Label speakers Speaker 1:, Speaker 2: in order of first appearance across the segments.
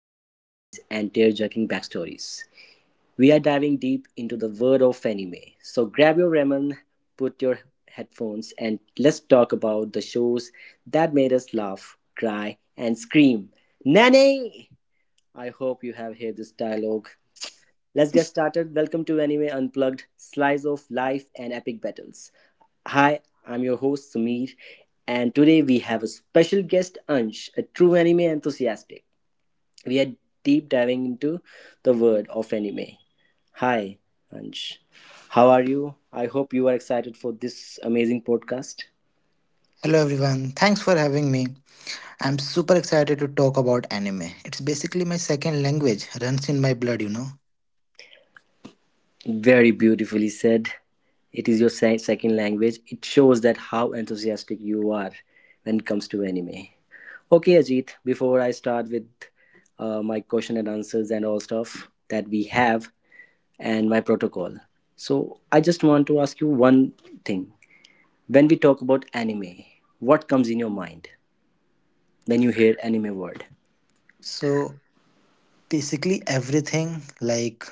Speaker 1: fight scenes, and tear jerking backstories, we are diving deep into the world of anime. So grab your ramen, put your headphones, and let's talk about the shows that made us laugh, cry, and scream. Nani! I hope you have heard this dialogue. Let's get started. Welcome to Anime Unplugged, slice of life and epic battles. Hi, I'm your host Sumir, and today we have a special guest Ansh, a true anime enthusiast. We are deep diving into the world of anime. Hi, Ansh. How are you? I hope you are excited for this amazing podcast.
Speaker 2: Hello everyone, thanks for having me. I'm super excited to talk about anime. It's basically my second language, runs in my blood, you know.
Speaker 1: Very beautifully said. It is your second language. It shows that how enthusiastic you are when it comes to anime. Okay, Ajit, before I start with my question and answers and all stuff that we have and my protocol. So, I just want to ask you one thing. When we talk about anime, what comes in your mind when you hear anime word?
Speaker 2: So, Basically, everything like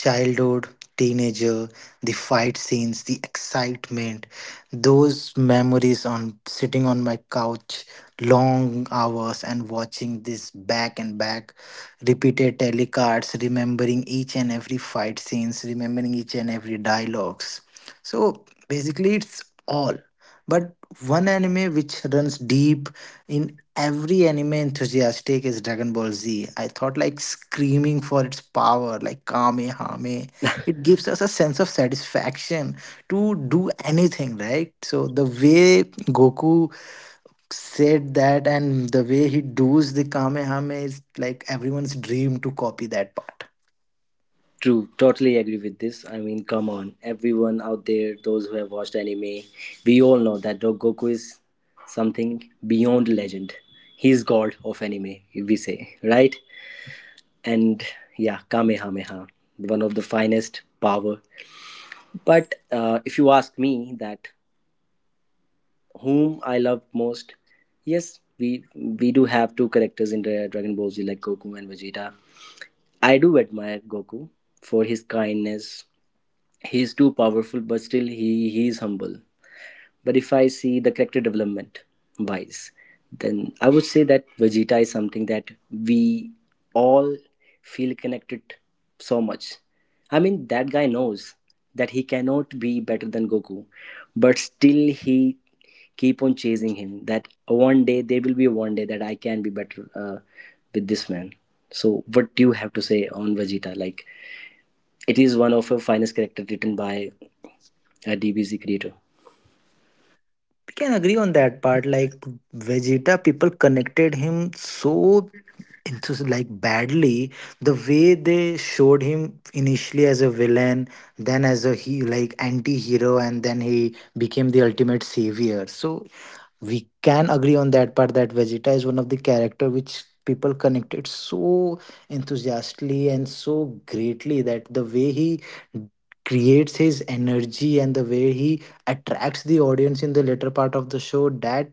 Speaker 2: childhood, teenager, the fight scenes, the excitement, those memories on sitting on my couch long hours and watching this back and back, repeated telecards, remembering each and every fight scenes, remembering each and every dialogues. So basically, it's all. But one anime which runs deep in every anime enthusiast take is Dragon Ball Z. I thought like screaming for its power, like Kamehame. It gives us a sense of satisfaction to do anything, right? So the way Goku said that and the way he does the Kamehame is like everyone's dream to copy that part.
Speaker 1: True, totally agree with this. I mean, come on, everyone out there, those who have watched anime, we all know that Dog Goku is something beyond legend. He's god of anime, if we say, right? And yeah, kamehameha, one of the finest power. But if you ask me that whom I love most, yes, we do have two characters in Dragon Ball Z, like Goku and Vegeta. I do admire Goku for his kindness. He is too powerful but still he is humble. But if I see the character development wise, then I would say that Vegeta is something that we all feel connected so much. I mean, that guy knows that he cannot be better than Goku, but still he keep on chasing him. That one day there will be one day that I can be better with this man. So, what do you have to say on Vegeta? Like, it is one of her finest character written by a DBZ creator.
Speaker 2: We can agree on that part. Like Vegeta, people connected him so into like badly the way they showed him initially as a villain, then as a he like anti-hero, and then he became the ultimate savior. So we can agree on that part that Vegeta is one of the character which people connected so enthusiastically and so greatly, that the way he creates his energy and the way he attracts the audience in the later part of the show that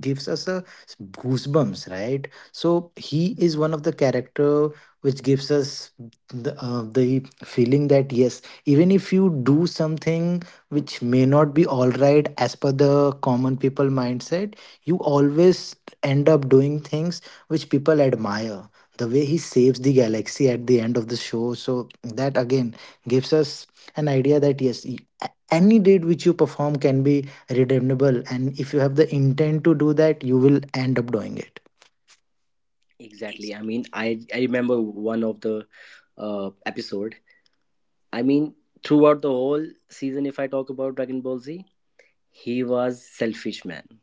Speaker 2: gives us a goosebumps, right? So he is one of the character which gives us the feeling that yes, even if you do something which may not be all right as per the common people mindset, you always end up doing things which people admire. The way he saves the galaxy at the end of the show, so that again gives us an idea that yes, any deed which you perform can be redeemable, and if you have the intent to do that, you will end up doing it.
Speaker 1: Exactly. I mean, I remember one of the episode. I mean, throughout the whole season, if I talk about Dragon Ball Z, he was selfish man,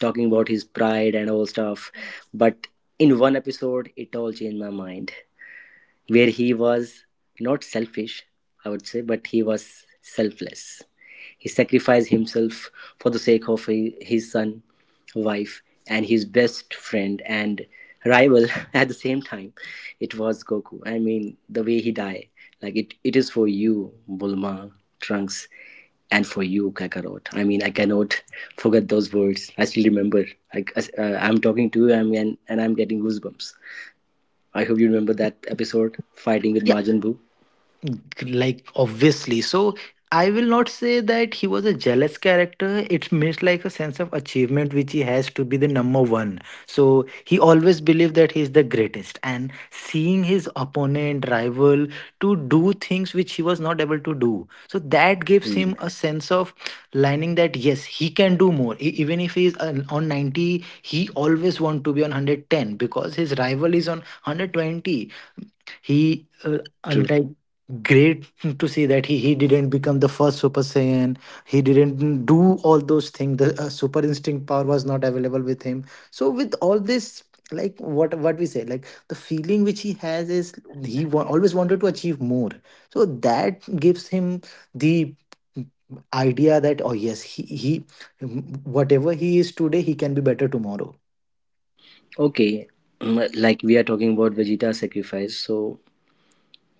Speaker 1: talking about his pride and all stuff. But in one episode, it all changed my mind where he was not selfish, I would say, but he was selfless. He sacrificed himself for the sake of his son, wife, and his best friend and rival at the same time. It was Goku. I mean, the way he died, like it is for you, Bulma, Trunks, and for you, Kakarot. I mean, I cannot forget those words. I still remember. Like, I'm talking to you, I mean, and I'm getting goosebumps. I hope you remember that episode fighting with Majin Buu.
Speaker 2: Like obviously, so I will not say that he was a jealous character. It's means like a sense of achievement which he has, to be the number one. So he always believed that he is the greatest, and seeing his opponent rival to do things which he was not able to do, so that gives him a sense of lining that yes, he can do more. Even if he is on 90, he always want to be on 110 because his rival is on 120. he uh,
Speaker 1: True.
Speaker 2: and like great to see that he didn't become the first super saiyan. He didn't do all those things. The super instinct power was not available with him. So with all this, like what we say, like the feeling which he has is always wanted to achieve more. So that gives him the idea that oh yes, he whatever he is today, he can be better tomorrow.
Speaker 1: Okay, like we are talking about Vegeta sacrifice. So,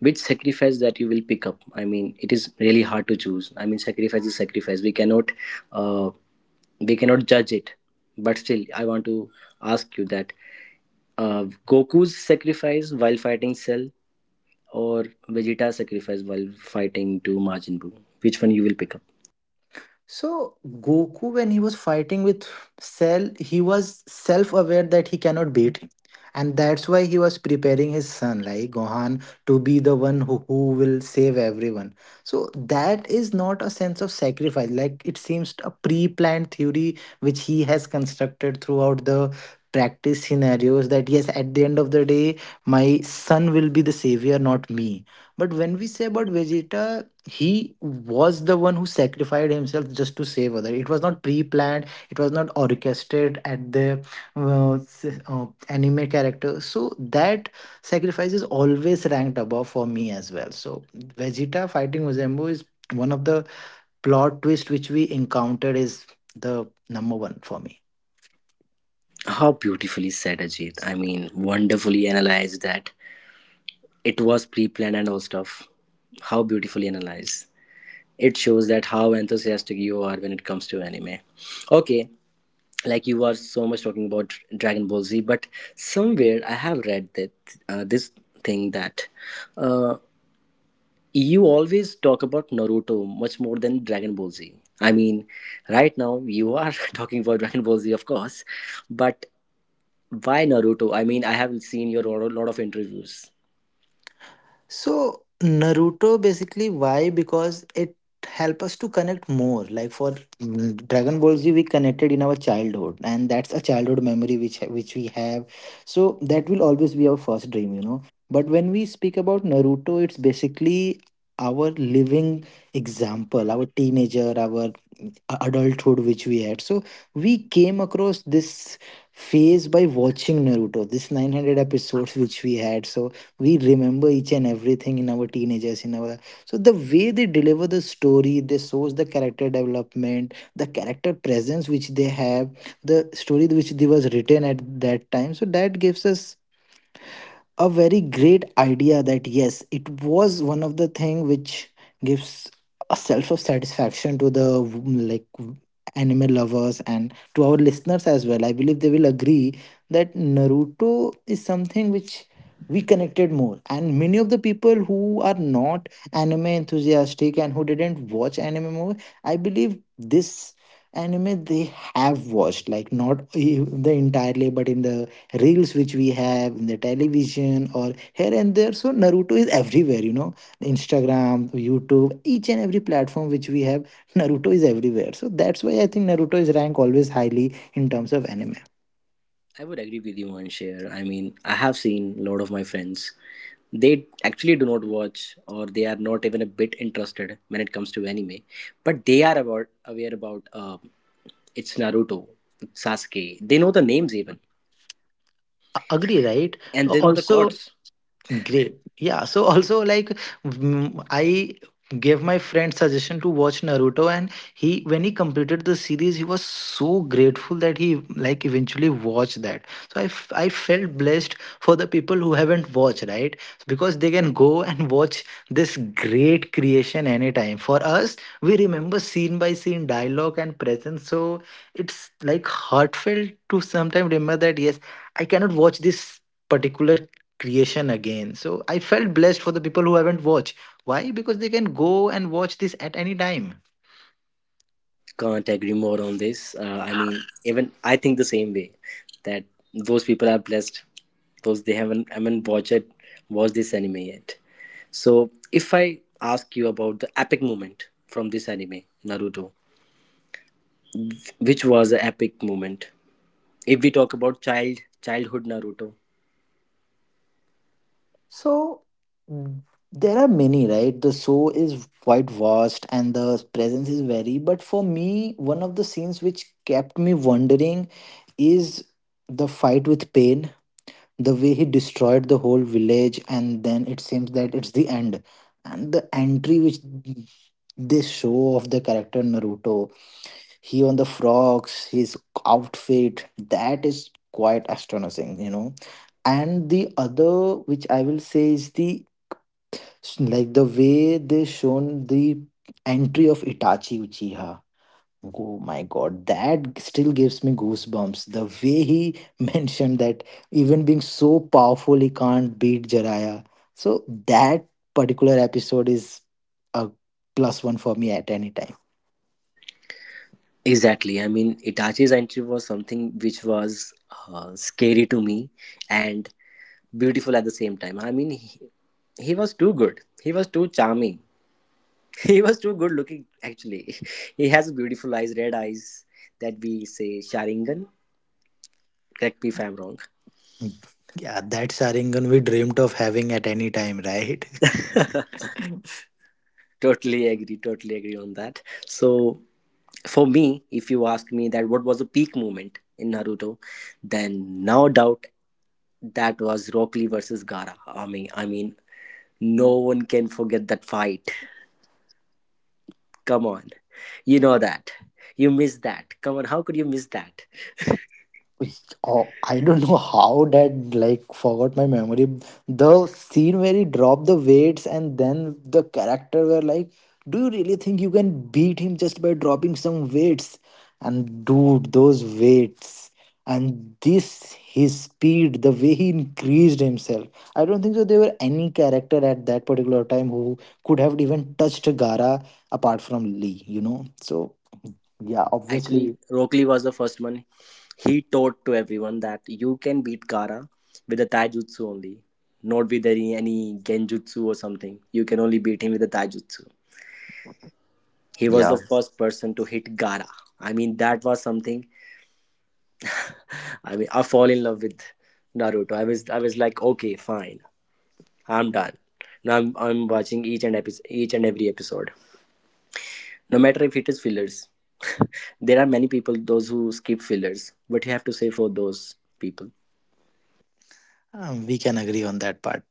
Speaker 1: which sacrifice that you will pick up? I mean, it is really hard to choose. I mean, sacrifice is sacrifice. Uh, we cannot judge it. But still, I want to ask you that Goku's sacrifice while fighting Cell or Vegeta's sacrifice while fighting to Majin Buu, which one you will pick up?
Speaker 2: So Goku, when he was fighting with Cell, he was self-aware that he cannot beat him, and that's why he was preparing his son, like Gohan, to be the one who will save everyone. So that is not a sense of sacrifice. Like it seems a pre-planned theory which he has constructed throughout the practice scenarios, that yes, at the end of the day my son will be the savior, not me. But when we say about Vegeta, he was the one who sacrificed himself just to save others. It was not pre-planned, it was not orchestrated at the anime character. So that sacrifice is always ranked above for me as well. So Vegeta fighting Uzumbo is one of the plot twist which we encountered, is the number one for me.
Speaker 1: How beautifully said, Ajit. I mean, wonderfully analyzed that. It was pre-planned and all stuff. How beautifully analyzed. It shows that how enthusiastic you are when it comes to anime. Okay, like you are so much talking about Dragon Ball Z, but somewhere I have read that this thing that uh, you always talk about Naruto much more than Dragon Ball Z. I mean, right now you are talking about Dragon Ball Z, of course, but why Naruto? I mean, I have seen your lot of interviews.
Speaker 2: So Naruto, basically why? Because it help us to connect more. Like for Dragon Ball Z, we connected in our childhood, and that's a childhood memory which we have. So that will always be our first dream, you know. But when we speak about Naruto, it's basically our living example, our teenager, our adulthood which we had. So we came across this phase by watching Naruto, this 900 episodes which we had. So we remember each and everything in our teenagers, in our. So the way they deliver the story, they shows the character development, the character presence which they have, the story which they was written at that time. So that gives us a very great idea that yes, it was one of the thing which gives a self of satisfaction to the anime lovers, and to our listeners as well, I believe they will agree that Naruto is something which we connected more. And many of the people who are not anime enthusiastic and who didn't watch anime more, I believe this anime they have watched, like not e- the entirely, but in the reels which we have in the television or here and there. So Naruto is everywhere, you know, Instagram, YouTube, each and every platform which we have Naruto is everywhere. So that's why I think Naruto is ranked always highly in terms of anime.
Speaker 1: I would agree with you, Anshir. I mean, I have seen a lot of my friends. They actually do not watch, or they are not even a bit interested when it comes to anime. But they are about aware about it's Naruto, it's Sasuke. They know the names even,
Speaker 2: A- agree, right?
Speaker 1: and they know the
Speaker 2: Also
Speaker 1: courts.
Speaker 2: great. Yeah. So also like I gave my friend suggestion to watch Naruto, and he when he completed the series, he was so grateful that he like eventually watched that. So I felt blessed for the people who haven't watched, right? Because they can go and watch this great creation anytime. For us, we remember scene by scene dialogue and presence. So it's like heartfelt to sometimes remember that yes, I cannot watch this particular creation again. So I felt blessed for the people who haven't watched. Why? Because they can go and watch this at any time.
Speaker 1: Can't agree more on this. I mean, even I think the same way that those people are blessed. Those they haven't, I mean, watched it, watched this anime yet. So, if I ask you about the epic moment from this anime, Naruto, which was an epic moment. If we talk about childhood Naruto,
Speaker 2: So mm, there are many, right? The show is quite vast and the presence is very. But for me, one of the scenes which kept me wondering is the fight with Pain. The way he destroyed the whole village, and then it seems that it's the end. And the entry which they show of the character Naruto, he on the frogs, his outfit, that is quite astonishing, you know. And the other which I will say is the, like the way they shown the entry of Itachi Uchiha. Oh my god, that still gives me goosebumps, the way he mentioned that even being so powerful, he can't beat Jiraiya. So that particular episode is a plus one for me at any time.
Speaker 1: exactly. I mean, Itachi's entry was something which was scary to me and beautiful at the same time. I mean, he was too good. He was too charming. He was too good looking. Actually, he has beautiful eyes, red eyes that we say Sharingan. Correct me if I'm wrong.
Speaker 2: Yeah, that's Arangan we dreamt of having at any time, right?
Speaker 1: Totally agree. Totally agree on that. So for me, if you ask me that what was a peak moment in Naruto, then no doubt that was Rock Lee versus Gara. I mean, no one can forget that fight. Come on, you know that. You missed that. Come on, how could you miss that?
Speaker 2: Oh, I don't know how that like forgot my memory. The scene where he dropped the weights and then the character were like, "Do you really think you can beat him just by dropping some weights?" And dude, those weights and this his speed, the way he increased himself. I don't think so. There were any character at that particular time who could have even touched Gara apart from Lee. You know, so yeah,
Speaker 1: Actually,
Speaker 2: obviously,
Speaker 1: Rock Lee was the first one. He taught to everyone that you can beat Gara with a Taijutsu only, not with any Genjutsu or something. You can only beat him with a Taijutsu. He was
Speaker 2: yeah,
Speaker 1: the first person to hit Gara. I mean, that was something. I mean, I fall in love with Naruto. I was like, okay, fine, I'm done. Now I'm watching each and every episode, no matter if it is fillers. There are many people those who skip fillers. What you have to say for those people?
Speaker 2: we can agree on that part.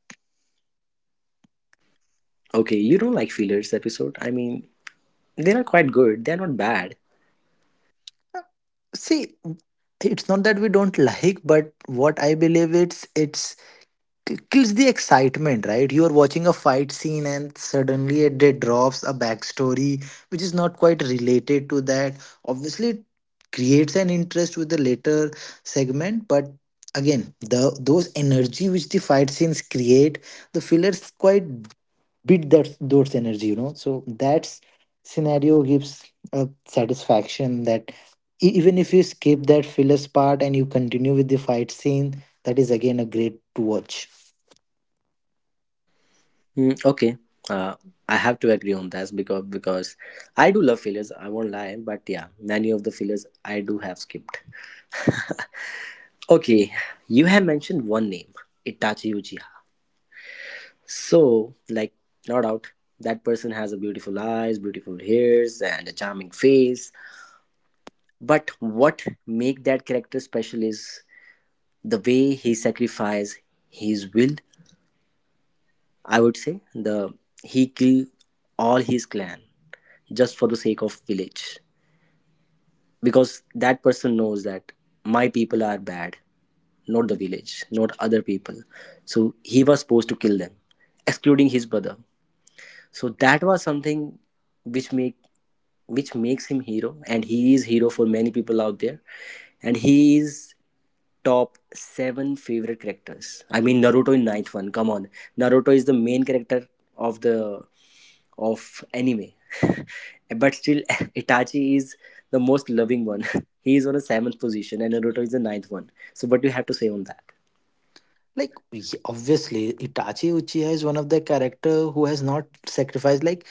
Speaker 1: Okay, you don't like fillers episode. I mean, they are quite good. They are not bad.
Speaker 2: See, it's not that we don't like, but what I believe it's k- kills the excitement, right? You are watching a fight scene and suddenly it drops a backstory which is not quite related to that. Obviously, it creates an interest with the later segment, but again, the those energy which the fight scenes create, the fillers quite beat that those energy, you know. So that's scenario gives a satisfaction that even if you skip that fillers part and you continue with the fight scene, that is again a great to watch.
Speaker 1: Mm, okay, uh, I have to agree on that because I do love failures. I won't lie, but yeah, many of the failures I do have skipped. Okay, you have mentioned one name, Itachi Uchiha. So, like, no doubt, that person has a beautiful eyes, beautiful hairs, and a charming face. But what make that character special is the way he sacrifices his will, I would say. The He killed all his clan just for the sake of village because that person knows that my people are bad, not the village, not other people. So he was supposed to kill them, excluding his brother. So that was something which make which makes him hero, and he is hero for many people out there, and he is top seven favorite characters. I mean Naruto in ninth one. Come on, Naruto is the main character of the of anime, but still Itachi is the most loving one. He is on a seventh position, and Naruto is the ninth one. So, what do you have to say on that?
Speaker 2: Like obviously Itachi Uchiha is one of the character who has not sacrificed. Like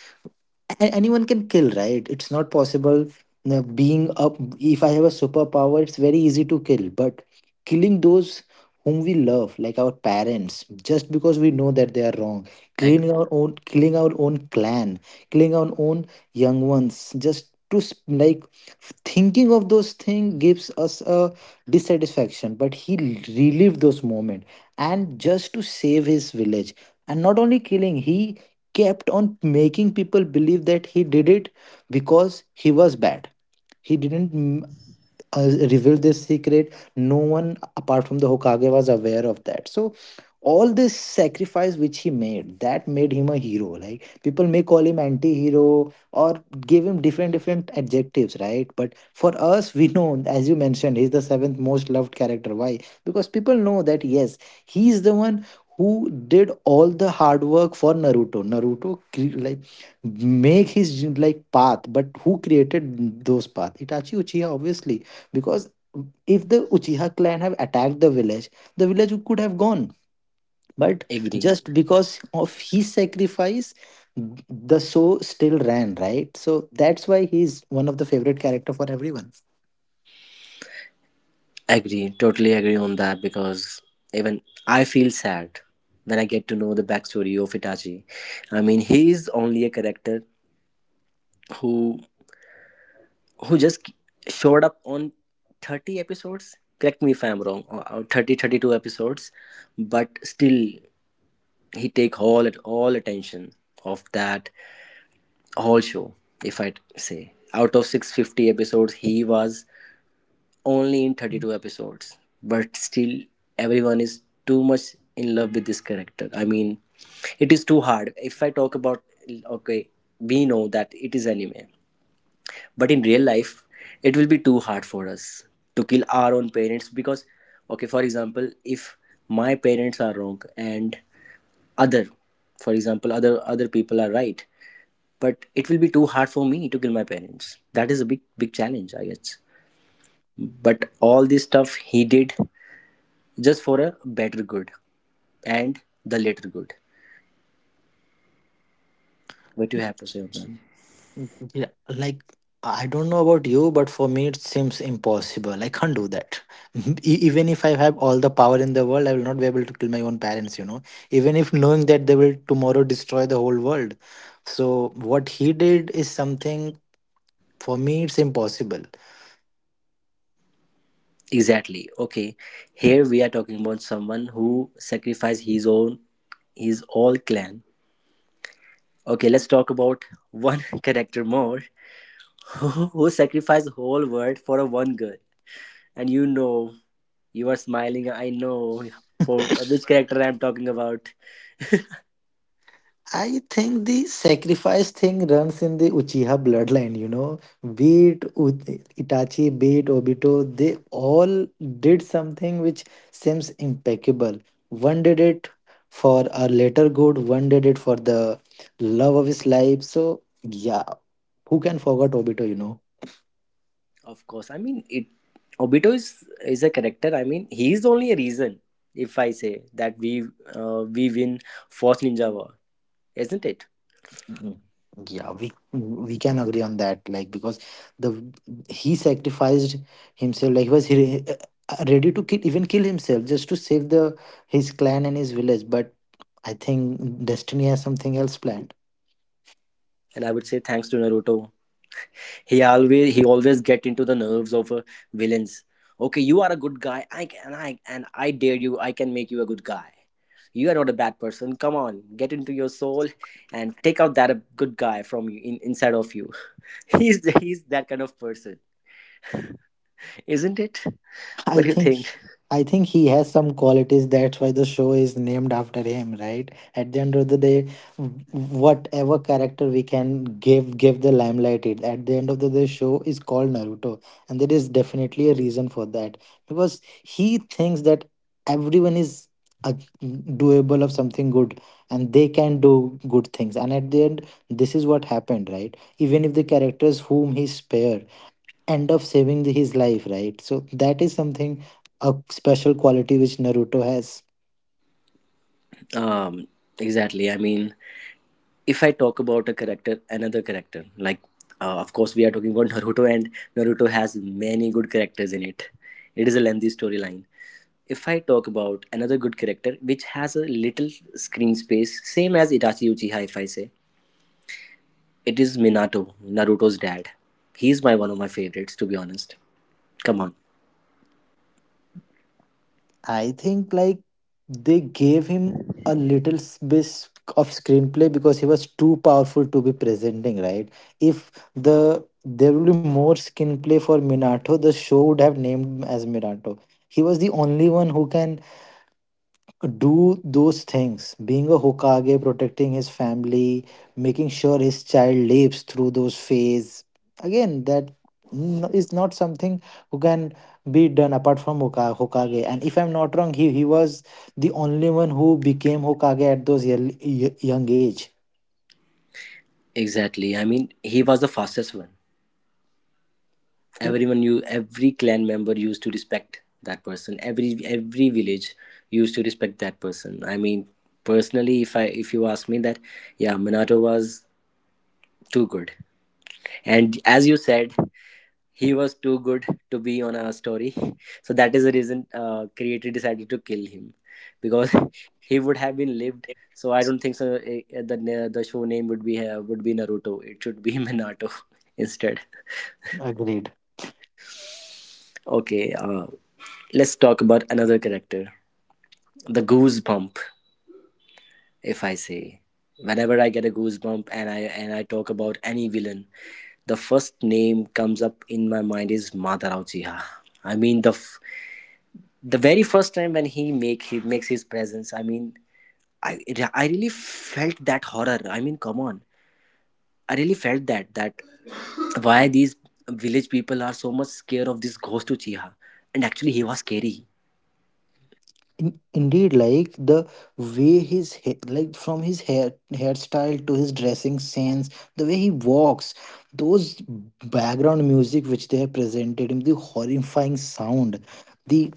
Speaker 2: anyone can kill, right? It's not possible. Being up, if I have a superpower, it's very easy to kill, but killing those whom we love, like our parents, just because we know that they are wrong,
Speaker 1: Ag-
Speaker 2: killing our own, killing our own clan, killing our own young ones, just to like thinking of those things gives us a dissatisfaction. But he relived those moments, and just to save his village. And not only killing, he kept on making people believe that he did it because he was bad. He didn't uh, revealed this secret. No one apart from the Hokage was aware of that. So all this sacrifice which he made, that made him a hero. Like people may call him anti-hero, or give him different different adjectives, right? But for us, we know, as you mentioned, he's the seventh most loved character. Why? Because people know that yes, he is the one who did all the hard work for Naruto. Like make his like path, but who created those path? Itachi Uchiha, obviously. Because if the Uchiha clan have attacked the village, the village could have gone. But
Speaker 1: agree,
Speaker 2: just because of his sacrifice, the show still ran, right? So that's why he's one of the favorite character for everyone.
Speaker 1: totally agree on that because even I feel sad when I get to know the backstory of Itachi. I mean, he is only a character who who just showed up on 30 episodes, correct me if I'm wrong, or 30 32 episodes, but still he take all at all attention of that whole show. If I say, out of 650 episodes he was only in 32 episodes, but still everyone is too much in love with this character. I mean, it is too hard. If I talk about, okay, we know that it is anime, but in real life it will be too hard for us to kill our own parents. Because, okay, for example, if my parents are wrong and other, for example, other people are right, but it will be too hard for me to kill my parents. That is a big big challenge, I guess. But all this stuff he did just for a better good and the later good. What you have to say on that?
Speaker 2: Yeah, like I don't know about you, but for me it seems impossible. I can't do that. Even if I have all the power in the world, I will not be able to kill my own parents, you know, even if knowing that they will tomorrow destroy the whole world. So what he did is something. For me, it's impossible.
Speaker 1: Exactly. Okay, here we are talking about someone who sacrificed his own, his all clan. Okay, let's talk about one character more who sacrificed whole world for a one girl. And you know, you are smiling. I know for which character I'm talking about.
Speaker 2: I think the sacrifice thing runs in the Uchiha bloodline, you know. Be it Itachi, be it Obito, they all did something which seems impeccable. One did it for a later good, one did it for the love of his life. So, yeah, who can forget Obito?
Speaker 1: Of course, I mean it. Obito is a character. I mean, he is only a reason. If I say that we win Force Ninja War, isn't it?
Speaker 2: Mm, yeah, we can agree on that. Like, because the he sacrificed himself. Like, was he ready to kill, even kill himself just to save the his clan and his village. But I think destiny has something else planned.
Speaker 1: And I would say thanks to Naruto he always get into the nerves of villains. Okay, you are a good guy. I dare you, I can make you a good guy. You are not a bad person, come on, get into your soul and take out that good guy from you, inside of you. He's that kind of person, isn't it? What
Speaker 2: I
Speaker 1: do you
Speaker 2: think
Speaker 1: think?
Speaker 2: I think he has some qualities. That's why the show is named after him, right? At the end of the day, whatever character we can give the limelight it. At the end of the day, show is called Naruto, and there is definitely a reason for that, because he thinks that everyone is a doable of something good, and they can do good things, and at the end this is what happened, right? Even if the characters whom he spare end up saving his life, right? So that is something, a special quality which Naruto has.
Speaker 1: um exactly. I mean, if I talk about a character, another character, like of course we are talking about Naruto, and Naruto has many good characters in it. It is a lengthy storyline. If I talk about another good character which has a little screen space, same as Itachi Uchiha, if I say, it is Minato, Naruto's dad. He's my one of my favorites, to be honest. Come on.
Speaker 2: I think, like, they gave him a little bit of screenplay because he was too powerful to be presenting, right? If there will be more screenplay for Minato, the show would have named him as Minato. He was the only one who can do those things, being a hokage, protecting his family, making sure his child lives through those phase. Again, that is not something who can be done apart from hokage. And if I'm not wrong, he was the only one who became hokage at those early, young age.
Speaker 1: Exactly. I mean, he was the fastest one. Everyone knew, every clan member used to respect that person. Every village used to respect that person. I mean, personally, if you ask me that, yeah, Minato was too good. And as you said, he was too good to be on a story. So that is the reason creator decided to kill him, because he would have been lived. So I don't think so the show name would be Naruto, it should be Minato instead.
Speaker 2: Agreed.
Speaker 1: Okay, let's talk about another character, the goosebump, if I say. Whenever I get a goosebump and I talk about any villain, the first name comes up in my mind is Madara Uchiha. I mean the very first time when he makes his presence, I mean, i I really felt that horror. I mean, come on, I really felt that why these village people are so much scared of this ghost Uchiha. And actually he was scary.
Speaker 2: In- indeed, like, the way his from his hair hairstyle to his dressing sense, the way he walks, those background music which they have presented him, the horrifying sound, the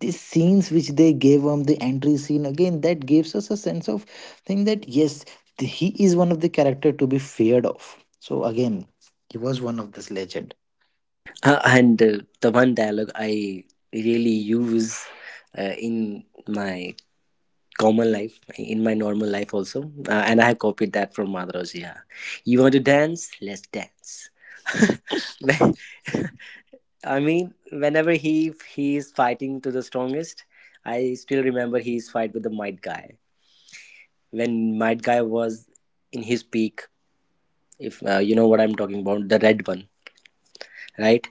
Speaker 2: scenes which they gave him, the entry scene, again that gives us a sense of thing that yes, he is one of the character to be feared of. So again, he was one of this legend.
Speaker 1: And the one dialogue I really use in my common life, in my normal life also, and I have copied that from Madhuraji. Yeah. You want to dance, let's dance. When, I mean, whenever he is fighting to the strongest, I still remember his fight with the Might Guy when Might Guy was in his peak. If you know what I'm talking about, the red one, right?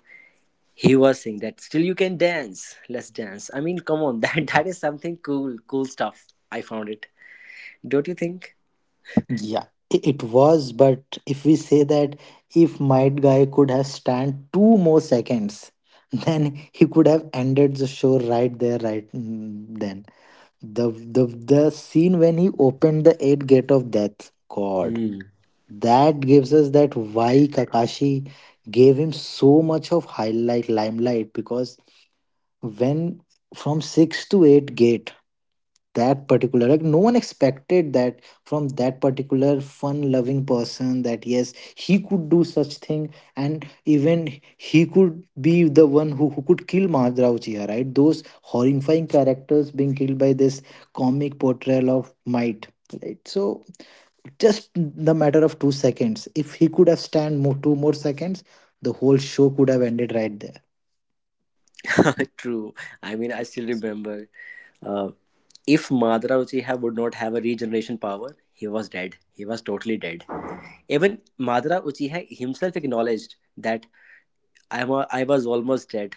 Speaker 1: He was saying that still you can dance, let's dance. I mean, come on, that is something cool, cool stuff. I found it. Don't you think?
Speaker 2: Yeah, it was, but if we say that if my guy could have stand 2 more seconds, then he could have ended the show right there, right, then. The scene when he opened the eight gate of death, God,
Speaker 1: Hmm.
Speaker 2: that gives us that why Kakashi gave him so much of highlight limelight, because when from six to eight gate, that particular, like, no one expected that from that particular fun loving person, that yes he could do such thing. And even he could be the one who could kill Madhurao Chia, right? Those horrifying characters being killed by this comic portrayal of might, right? So just the matter of 2 seconds, if he could have stand more 2 more seconds, the whole show could have ended right there.
Speaker 1: True. I mean, I still remember. Uh, if Madara Uchiha would not have a regeneration power, he was dead. He was totally dead. Even Madara Uchiha himself acknowledged that I was almost dead,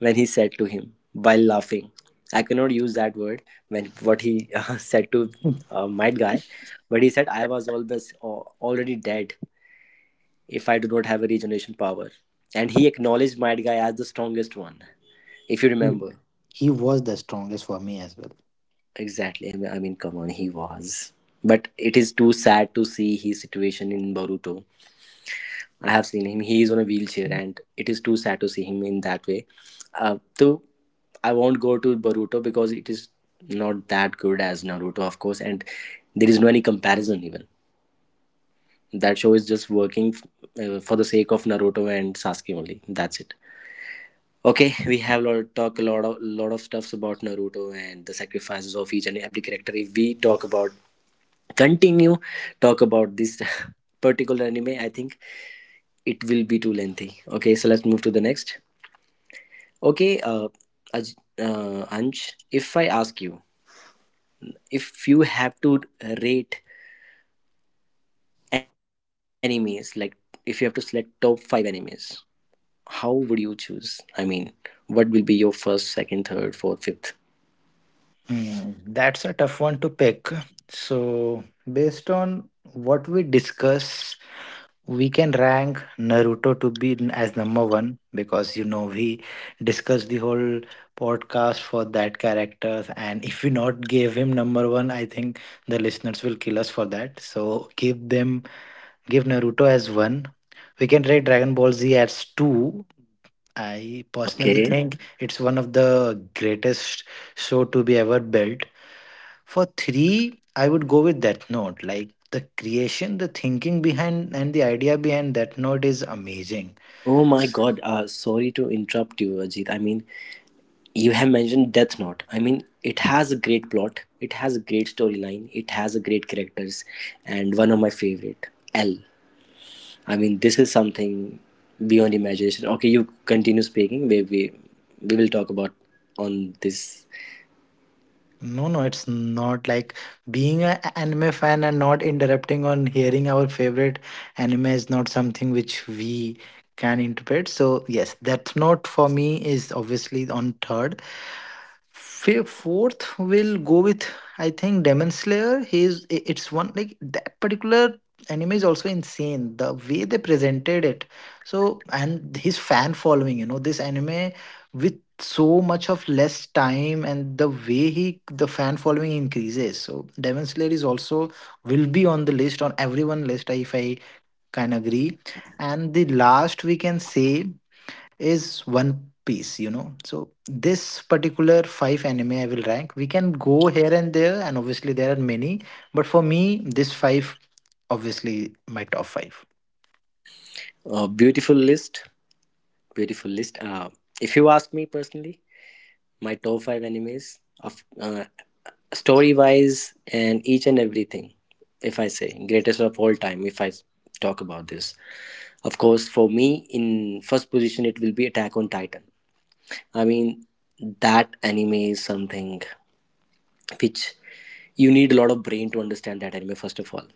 Speaker 1: when he said to him while laughing. I cannot use that word when what he said to my guy, but he said I was always already dead if I do not have a regeneration power. And he acknowledged my guy as the strongest one, if you remember.
Speaker 2: he was the strongest for me as well.
Speaker 1: Exactly. I mean, come on, he was. But it is too sad to see his situation in Boruto. I have seen him. He is on a wheelchair, and it is too sad to see him in that way. So I won't go to Boruto because it is not that good as Naruto, of course, and there is no any comparison even. That show is just working for the sake of Naruto and Sasuke only. That's it. Okay, we have lot talk a lot of stuffs about Naruto and the sacrifices of each and every character. If we talk about, continue talk about this particular anime, I think it will be too lengthy. Okay, so let's move to the next. Okay, Anj, if I ask you, if you have to rate animes, like if you have to select top five animes, how would you choose? I mean, what will be your first, second, third, fourth, fifth?
Speaker 2: Hmm, that's a tough one to pick. So, based on what we discuss, we can rank Naruto to be as number one, because, you know, we discussed the whole podcast for that character, and if we not gave him number one, I think the listeners will kill us for that. So, give them, give Naruto as one. We can rate Dragon Ball Z as two. I personally
Speaker 1: Okay.
Speaker 2: think it's one of the greatest show to be ever built. For three, I would go with Death Note. Like, the creation, the thinking behind, and the idea behind Death Note is amazing.
Speaker 1: Oh my God. Sorry to interrupt you, Ajit. I mean, you have mentioned Death Note. I mean, it has a great plot. It has a great storyline. It has a great characters, and one of my favorite, L. I mean, this is something beyond imagination. Okay, you continue speaking. We will talk about on this.
Speaker 2: No, no, it's not like being an anime fan and not interrupting on hearing our favorite anime is not something which we can interpret. So, yes, Death Note for me is obviously on third. Fourth will go with, I think, Demon Slayer. It's one, like, that particular anime is also insane, the way they presented it. So, and his fan following, you know, this anime so much of less time, and the way he, the fan following increases. So devon slayer is also will be on the list, on everyone list, if I can agree. And the last, we can say, is one piece, you know. So this particular five anime I will rank. We can go here and there, and obviously there are many, but for me this five, obviously my top five.
Speaker 1: Beautiful list. Beautiful list. If you ask me personally, my top five animes of story wise and each and everything. If I say greatest of all time, if I talk about this, of course, for me in first position it will be Attack on Titan. I mean, that anime is something which you need a lot of brain to understand that anime. First of all,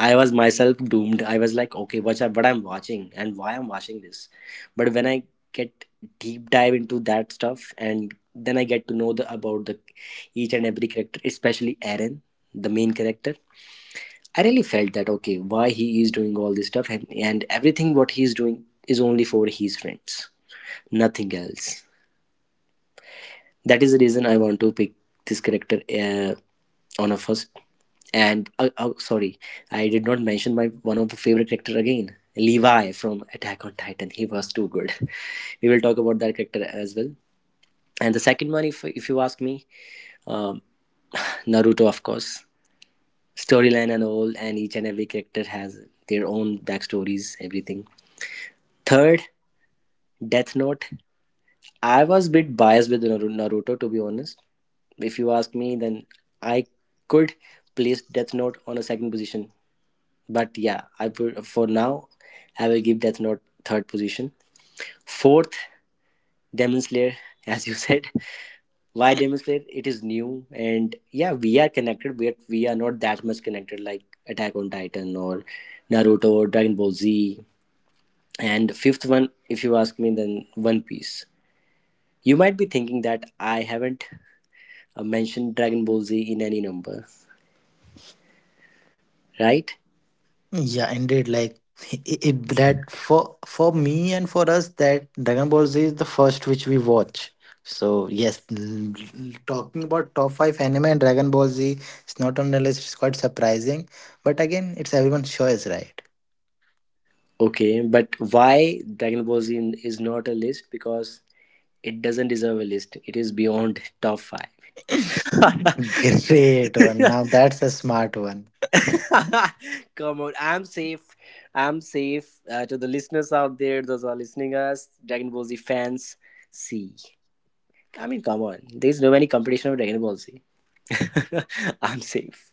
Speaker 1: I was myself doomed. I was like, okay, what's up, what I'm watching and why I'm watching this? But when I get deep dive into that stuff and then I get to know the about the each and every character, especially Aaron, the main character, I really felt that okay, why he is doing all this stuff, and everything what he's doing is only for his friends, nothing else. That is the reason I want to pick this character uh, on a first. And sorry, I did not mention my one of the favorite character again, Levi from Attack on Titan. He was too good. We will talk about that character as well. And the second one, if you ask me, um, Naruto, of course, storyline and all, and each and every character has their own backstories, everything. Third, Death Note. I was a bit biased with Naruto, to be honest. If you ask me, then I could place Death Note on a second position. But yeah, I put, for now I will give Death Note third position. Fourth, Demon Slayer, as you said. Why Demon Slayer? It is new and yeah, we are connected, but we are not that much connected like Attack on Titan or Naruto or Dragon Ball Z. And fifth one, if you ask me, then One Piece. You might be thinking that I haven't mentioned Dragon Ball Z in any number, right?
Speaker 2: Yeah, indeed. Like, it that for me and for us, that Dragon Ball Z is the first which we watch. So yes, talking about top five anime and Dragon Ball Z, it's not on the list. It's quite surprising, but again, it's everyone's choice, right?
Speaker 1: Okay, but why Dragon Ball Z is not a list? Because it doesn't deserve a list. It is beyond top five.
Speaker 2: Great one. Now that's a smart one.
Speaker 1: Come on, I'm safe. I'm safe. To the listeners out there, those who are listening us, Dragon Ball Z fans, see. I mean, come on. There's no any competition of Dragon Ball Z. I'm safe.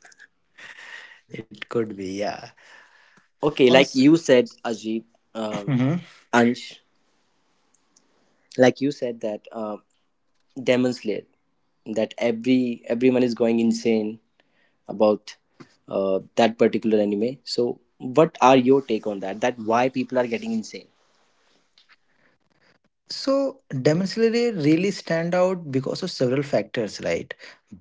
Speaker 2: It could be, yeah.
Speaker 1: Okay, like
Speaker 2: Also,
Speaker 1: you said, Ajit, um, Ansh, like you said that Demon Slayer, that everyone is going insane about that particular anime, so what are your take on that, that why people are getting insane?
Speaker 2: So Damasley really stand out because of several factors, right?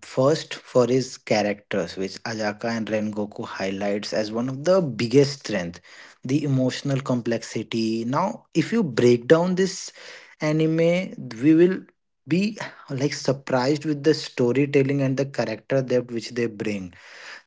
Speaker 2: First, for his characters, which Ajaka and Rengoku highlights as one of the biggest strength, the emotional complexity. Now, if you break down this anime, we will be, like, surprised with the storytelling and the character depth which they bring.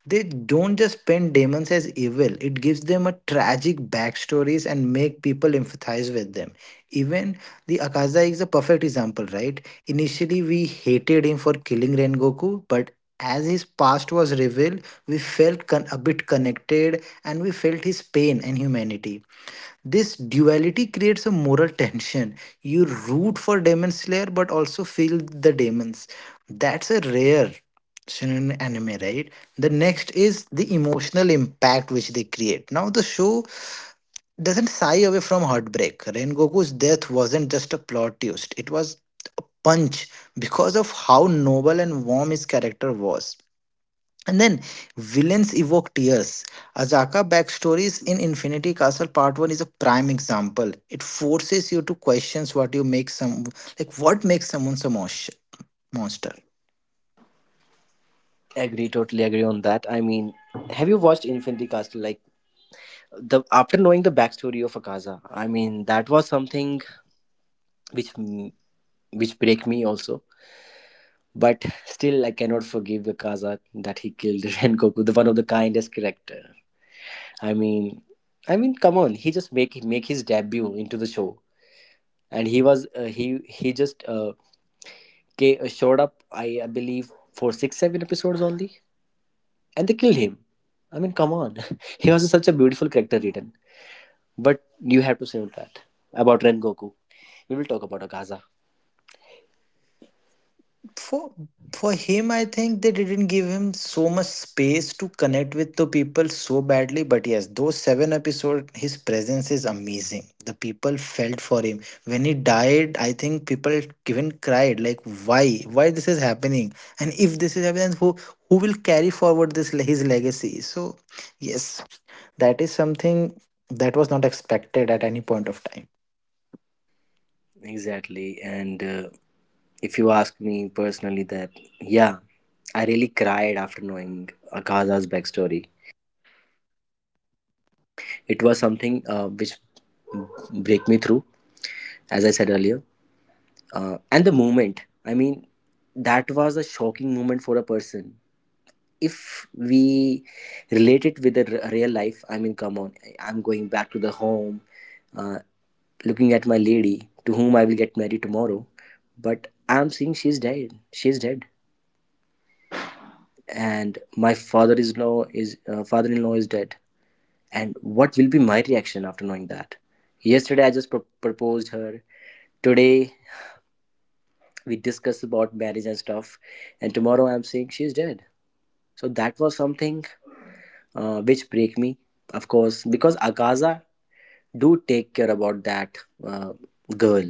Speaker 2: They don't just paint demons as evil, it gives them a tragic backstories and make people empathize with them. Even the akaza is a perfect example, right? Initially we hated him for killing rengoku, but as his past was revealed, we felt a bit connected, and we felt his pain and humanity. This duality creates a moral tension. You root for Demon Slayer but also feel the demons. That's a rare shonen anime, right? The next is the emotional impact which they create. Now, the show doesn't sigh away from heartbreak. Rengoku's death wasn't just a plot twist, it was a punch because of how noble and warm his character was. And then villains evoke tears. Azaka backstories in Infinity Castle Part 1 is a prime example. It forces you to questions what you make some, like, what makes someone a monster.
Speaker 1: Agree, totally agree on that. I mean, have you watched Infinity Castle? Like, the after knowing the backstory of Akaza, I mean, that was something which which break me also, but still I cannot forgive Akaza that he killed Rengoku, the one of the kindest character. i mean I mean, come on, he just make his debut into the show, and he was he just showed up, I believe for 6 7 episodes only, and they killed him. I mean, come on, he was such a beautiful character written. But you have to say that about ren goku we will talk about Akaza.
Speaker 2: for for him, I think they didn't give him so much space to connect with the people so badly. But yes, those seven episodes his presence is amazing. The people felt for him when he died. I think people even cried, like, why this is happening? And if this is happening, who will carry forward this his legacy? So yes, that is something that was not expected at any point of time.
Speaker 1: Exactly. And if you ask me personally that, yeah, I really cried after knowing Akaza's backstory. It was something which break me through, as I said earlier. And the moment, I mean, that was a shocking moment for a person, if we relate it with the real life. I mean, come on, I'm going back to the home, uh, looking at my lady to whom I will get married tomorrow, but I'm seeing she's dead, she's dead. And my father-in-law is dead. And what will be my reaction after knowing that yesterday I just proposed her. Today, we discussed about marriage and stuff, and tomorrow I'm saying she's dead. So that was something which break me, of course, because Akaza do take care about that uh, girl.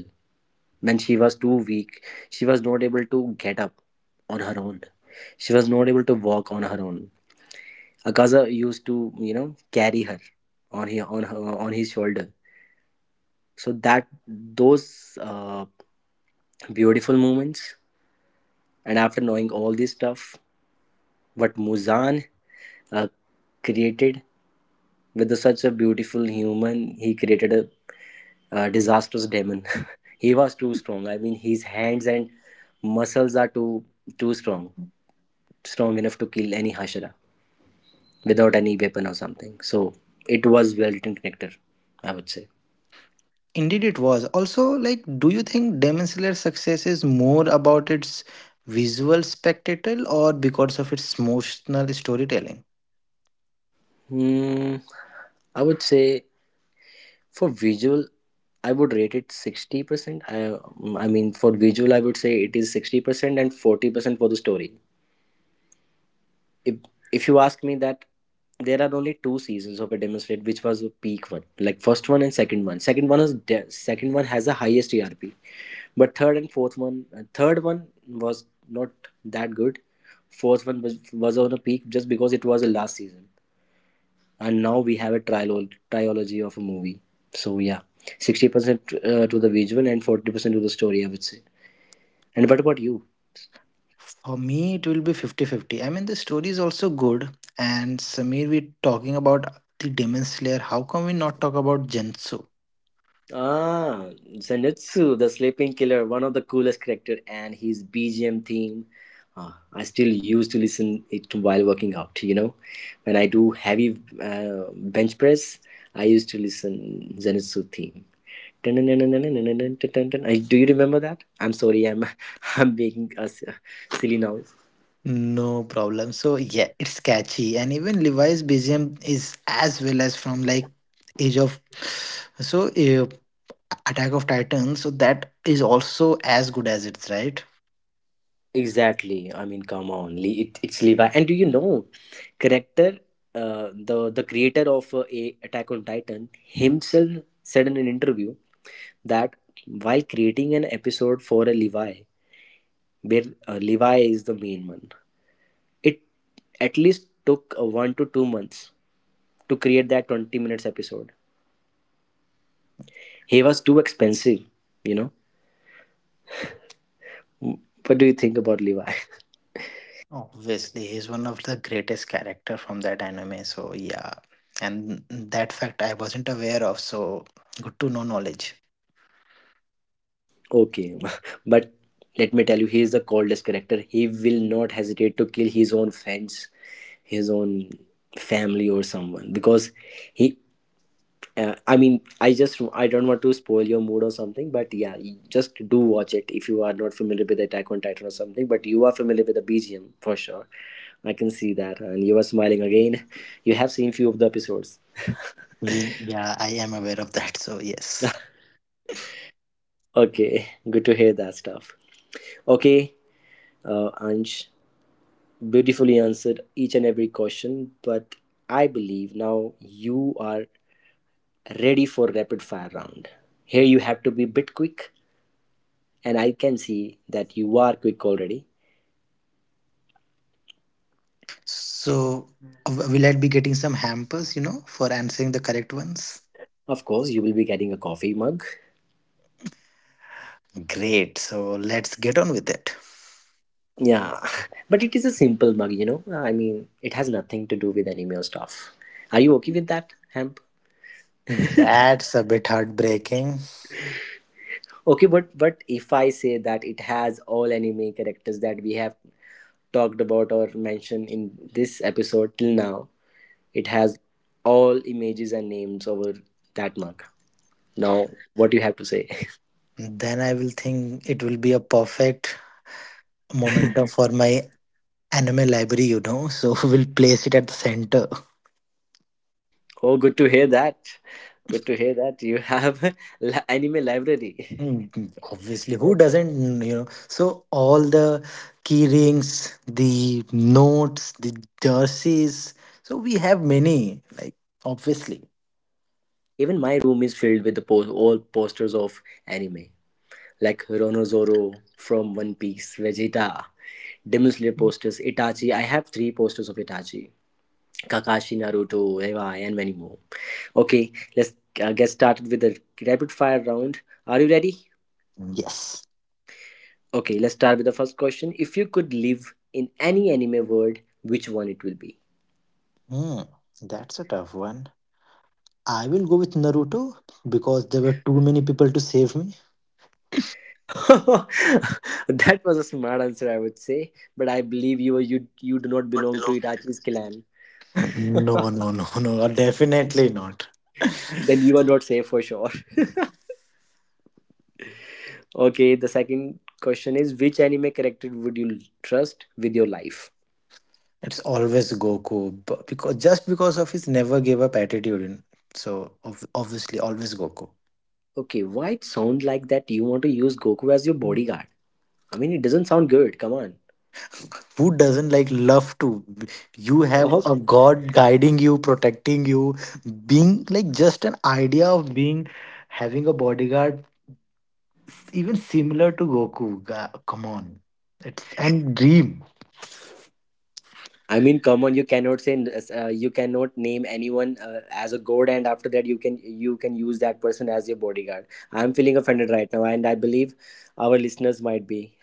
Speaker 1: When she was too weak, she was not able to get up on her own, she was not able to walk on her own. Akaza used to, you know, carry her on his shoulder. So that, those beautiful moments, and after knowing all this stuff. But Muzan uh, created with such a beautiful human, he created a disastrous demon. He was too strong. I mean, his hands and muscles are too strong, strong enough to kill any Hashira without any weapon or something. So it was well written connector, I would say.
Speaker 2: Indeed, it was. Also, like, do you think Demon Slayer's success is more about its visual spectacle or because of its emotional storytelling?
Speaker 1: Hmm, I would say for visual, I would rate it 60%. I mean, for visual, I would say it is 60% and 40% for the story. if if you ask me that, there are only two seasons of Artemis Red, which was the peak one, like first one and second one. Second one second one has the highest ERP, but third and fourth one, third one was not that good. Fourth one was on a peak just because it was the last season, and now we have a trial trilogy of a movie. So yeah, 60% to the visual and 40% to the story, I would say. And what about you?
Speaker 2: For me, it will be fifty-fifty. I mean, the story is also good. And Samir, we're talking about the Demon Slayer. How come we not talk about Gensu?
Speaker 1: Ah, Zenitsu, the Sleeping Killer, one of the coolest character, and his BGM theme. Ah, I still used to listen it while working out. When I do heavy bench press, I used to listen Zenitsu theme. Dun, dun, dun, dun, dun, dun, dun, dun, dun, dun. Do you remember that? I'm sorry, I'm I'm making us silly now.
Speaker 2: No problem. So, yeah, it's catchy. And even Levi's BGM is as well as from, like, Age of. So, Attack of Titans. So that is also as good as it's, right.
Speaker 1: Exactly. I mean, come on, it's Levi. And do you know, character, the creator of a Attack on Titan himself said in an interview that while creating an episode for a Levi, where Levi is the main one, it at least took 1 to 2 months to create that 20 minutes episode. He was too expensive, you know. What do you think about Levi?
Speaker 2: Oh, obviously, he's one of the greatest character from that anime. So yeah, and that fact I wasn't aware of. So good to know knowledge.
Speaker 1: Okay, but let me tell you, he is the coldest character. He will not hesitate to kill his own friends, his own family, or someone because he. I mean, I don't want to spoil your mood or something, but yeah, you just do watch it if you are not familiar with Attack on Titan or something. But you are familiar with the BGM for sure. I can see that, and you are smiling again. You have seen few of the episodes.
Speaker 2: Yeah, I am aware of that. So yes.
Speaker 1: Okay, good to hear that stuff. Okay, Ansh. Beautifully answered each and every question, but I believe now you are ready for rapid fire round. Here you have to be a bit quick, and I can see that you are quick already.
Speaker 2: So will I be getting some hampers? You know, for answering the correct ones.
Speaker 1: Of course, you will be getting a coffee mug.
Speaker 2: Great. So let's get on with it.
Speaker 1: Yeah, but it is a simple mug, you know. I mean, it has nothing to do with anime or stuff. Are you okay with that, Hemp?
Speaker 2: That's a bit heartbreaking.
Speaker 1: Okay, but if I say that it has all anime characters that we have talked about or mentioned in this episode till now, it has all images and names over that mug. Now, what do you have to say?
Speaker 2: Then I will think it will be a perfect momentum for my anime library, you know, so we'll place it at the center.
Speaker 1: Oh, good to hear that. Good to hear that you have anime library.
Speaker 2: Mm, obviously, who
Speaker 1: Okay.
Speaker 2: doesn't, you know? So all the key rings, the notes, the jerseys. So we have many, like, obviously.
Speaker 1: Even my room is filled with the all posters of anime, like Ronozoro from One Piece, Vegeta, Demon Slayer posters, Itachi. I have three posters of Itachi, Kakashi, Naruto, Eva, and many more. Okay, let's get started with the rapid fire round. Are you ready?
Speaker 2: Yes.
Speaker 1: Okay, let's start with the first question. If you could live in any anime world, which one it will be?
Speaker 2: Hmm. That's a tough one. I will go with Naruto because there were too many people to save me.
Speaker 1: That was a smart answer, I would say. But I believe you do not
Speaker 2: What
Speaker 1: belong to
Speaker 2: belongs.
Speaker 1: Itachi's clan.
Speaker 2: No, no, no, no. Definitely not.
Speaker 1: Then you are not safe for sure. Okay, the second question is which anime character would you trust with your life?
Speaker 2: It's always Goku because just because of his never gave up attitude. So obviously, always Goku.
Speaker 1: Okay, why it sound like that you want to use Goku as your bodyguard? I mean, it doesn't sound good. Come on.
Speaker 2: Who doesn't like love to? b- You have a god guiding you, protecting you, being like just an idea of being having a bodyguard, even similar to Goku. Come on, it's and dream.
Speaker 1: I mean, come on, you cannot say you cannot name anyone as a god, and after that you can use that person as your bodyguard. I'm feeling offended right now, and I believe our listeners might be.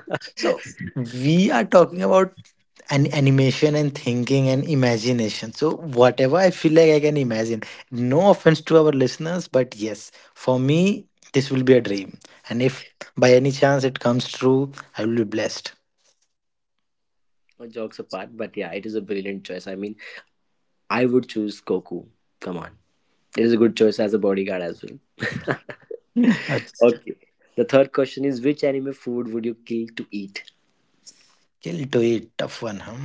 Speaker 2: So we are talking about and animation and thinking and imagination. So whatever I feel like I can imagine. No offense to our listeners, but yes, for me this will be a dream. And if by any chance it comes true, I will be blessed.
Speaker 1: All Jokes apart, but yeah, it is a brilliant choice. I mean, I would choose Goku. Come on, it is a good choice as a bodyguard as well.
Speaker 2: Yeah. That's-
Speaker 1: Okay, the third question is which anime food would you kill to eat?
Speaker 2: Kill to it, tough one, huh?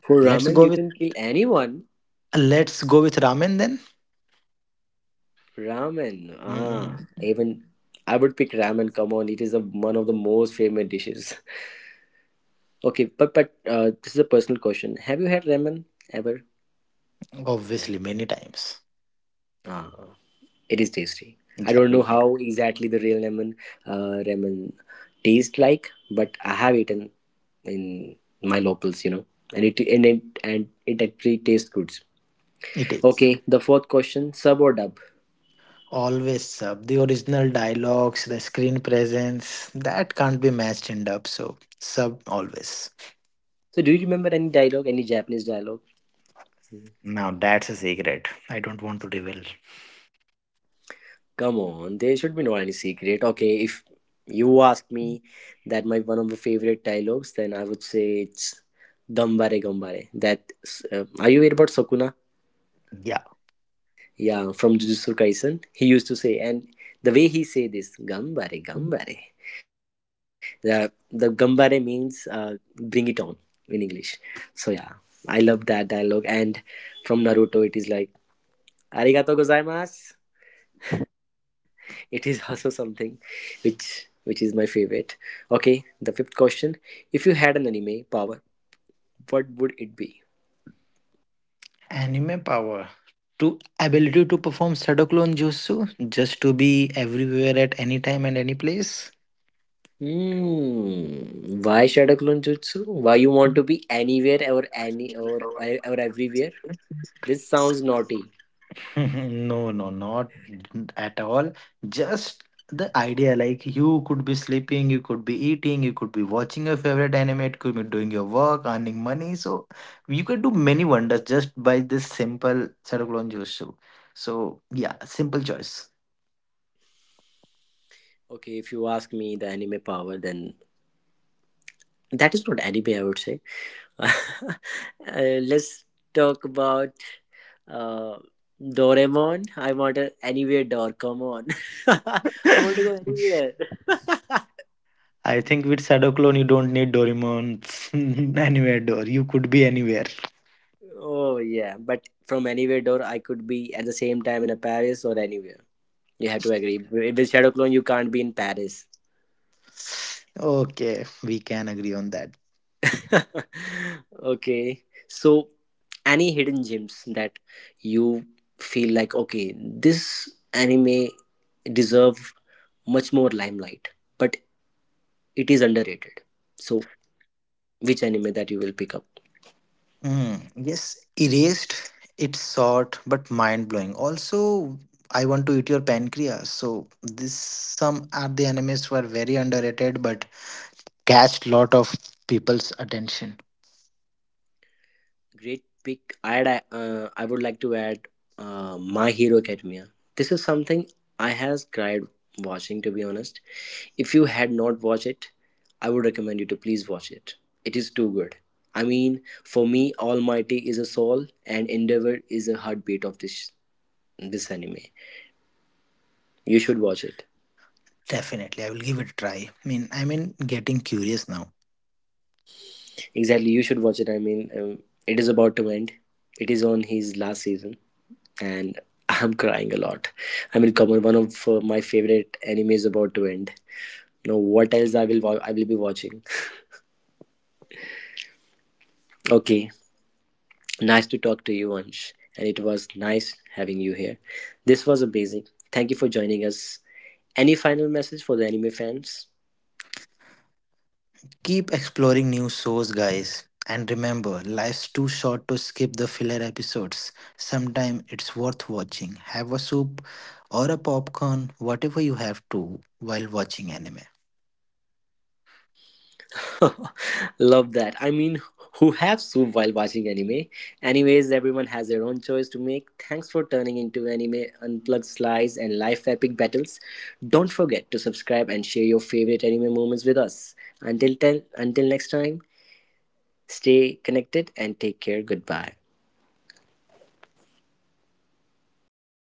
Speaker 1: For
Speaker 2: Let's
Speaker 1: ramen,
Speaker 2: go
Speaker 1: you
Speaker 2: with
Speaker 1: can kill anyone.
Speaker 2: let's go with ramen then.
Speaker 1: Ramen. Ah,
Speaker 2: Mm,
Speaker 1: even I would pick ramen. Come on, it is a, one of the most favorite dishes. Okay, but this is a personal question. Have you had ramen ever?
Speaker 2: obviously, many times.
Speaker 1: Ah, it is tasty. I
Speaker 2: Yeah,
Speaker 1: don't
Speaker 2: we
Speaker 1: know
Speaker 2: did.
Speaker 1: how exactly the real ramen ramen tastes like, but I have eaten in my locals, you know, and it actually tastes good.
Speaker 2: It is.
Speaker 1: Okay, the fourth question: sub or dub?
Speaker 2: Always sub the original dialogues, the screen presence that can't be matched in dub. So sub always.
Speaker 1: So, do you remember any dialogue, any Japanese dialogue? Hmm.
Speaker 2: Now that's a secret. I don't want to reveal.
Speaker 1: Come on, there should be no any secret. Okay, if you ask me that my one of the favorite dialogues, then I would say it's "Gambare Gambare." That are you aware about Sakuna?
Speaker 2: Yeah.
Speaker 1: Yeah, from Jujutsu Kaisen, he used to say, and the way he say this "Gambare Gambare," the "Gambare" means bring it on in English. So yeah, I love that dialogue. And from Naruto, it is like "Arigato gozaimasu." It is also something which is my favorite. Okay, the fifth question: if you had an anime power, what would it be?
Speaker 2: Anime power. To ability to perform Shadow Clone Jutsu just to be everywhere at any time and any place.
Speaker 1: Hmm, why shadow clone jutsu? Why you want to be anywhere or or everywhere? This sounds naughty.
Speaker 2: no, no, not at all. Just the idea, like, you could be sleeping, you could be eating, you could be watching your favorite anime, it could be doing your work, earning money. So you could do many wonders just by this simple Shadow Clone Jutsu. So yeah, simple choice.
Speaker 1: Okay, if you ask me the anime power, then that is not anime, I would say. uh, let's talk about Uh, Doraemon. I want a anywhere door. Come on, I want to go anywhere.
Speaker 2: I think with Shadow Clone you don't need Doraemon anywhere door. You could be anywhere.
Speaker 1: Oh yeah, but from anywhere door, I could be at the same time in a Paris or anywhere. You have to agree. With Shadow Clone, you can't be in Paris.
Speaker 2: Okay, we can agree on that.
Speaker 1: Okay, so any hidden gems that you feel like okay, this anime deserve much more limelight, but it is underrated. So, which anime that you will pick up?
Speaker 2: Hmm. Yes, erased. It's short but mind blowing. Also, I want to eat your pancreas. So this, some are the animes who are very underrated but catch lot of people's attention.
Speaker 1: Great pick. I'd I would like to add My Hero Academia. This is something I has cried watching to be honest. If you had not watched it, I would recommend you to please watch it. It is too good. I mean, for me, Almighty is a soul and Endeavor is a heartbeat of this anime. You should watch it.
Speaker 2: Definitely, I will give it a try. I mean, getting curious now.
Speaker 1: Exactly, you should watch it. I mean, it is about to end. It is on his last season. And I'm crying a lot. I mean, Kamar, one of my favorite anime is about to end. Now, what else I will be watching? Okay, nice to talk to you, Ansh, and it was nice having you here. This was amazing. Thank you for joining us. Any final message for the anime fans?
Speaker 2: Keep exploring new shows, guys. And remember, life's too short to skip the filler episodes. Sometimes it's worth watching. Have a soup or a popcorn, whatever you have to, while watching anime.
Speaker 1: Love that. I mean, who have soup while watching anime? Anyways, everyone has their own choice to make. Thanks for turning into anime unplugged slides and life epic battles. Don't forget to subscribe and share your favorite anime moments with us. Until next time, stay connected and take care. Goodbye.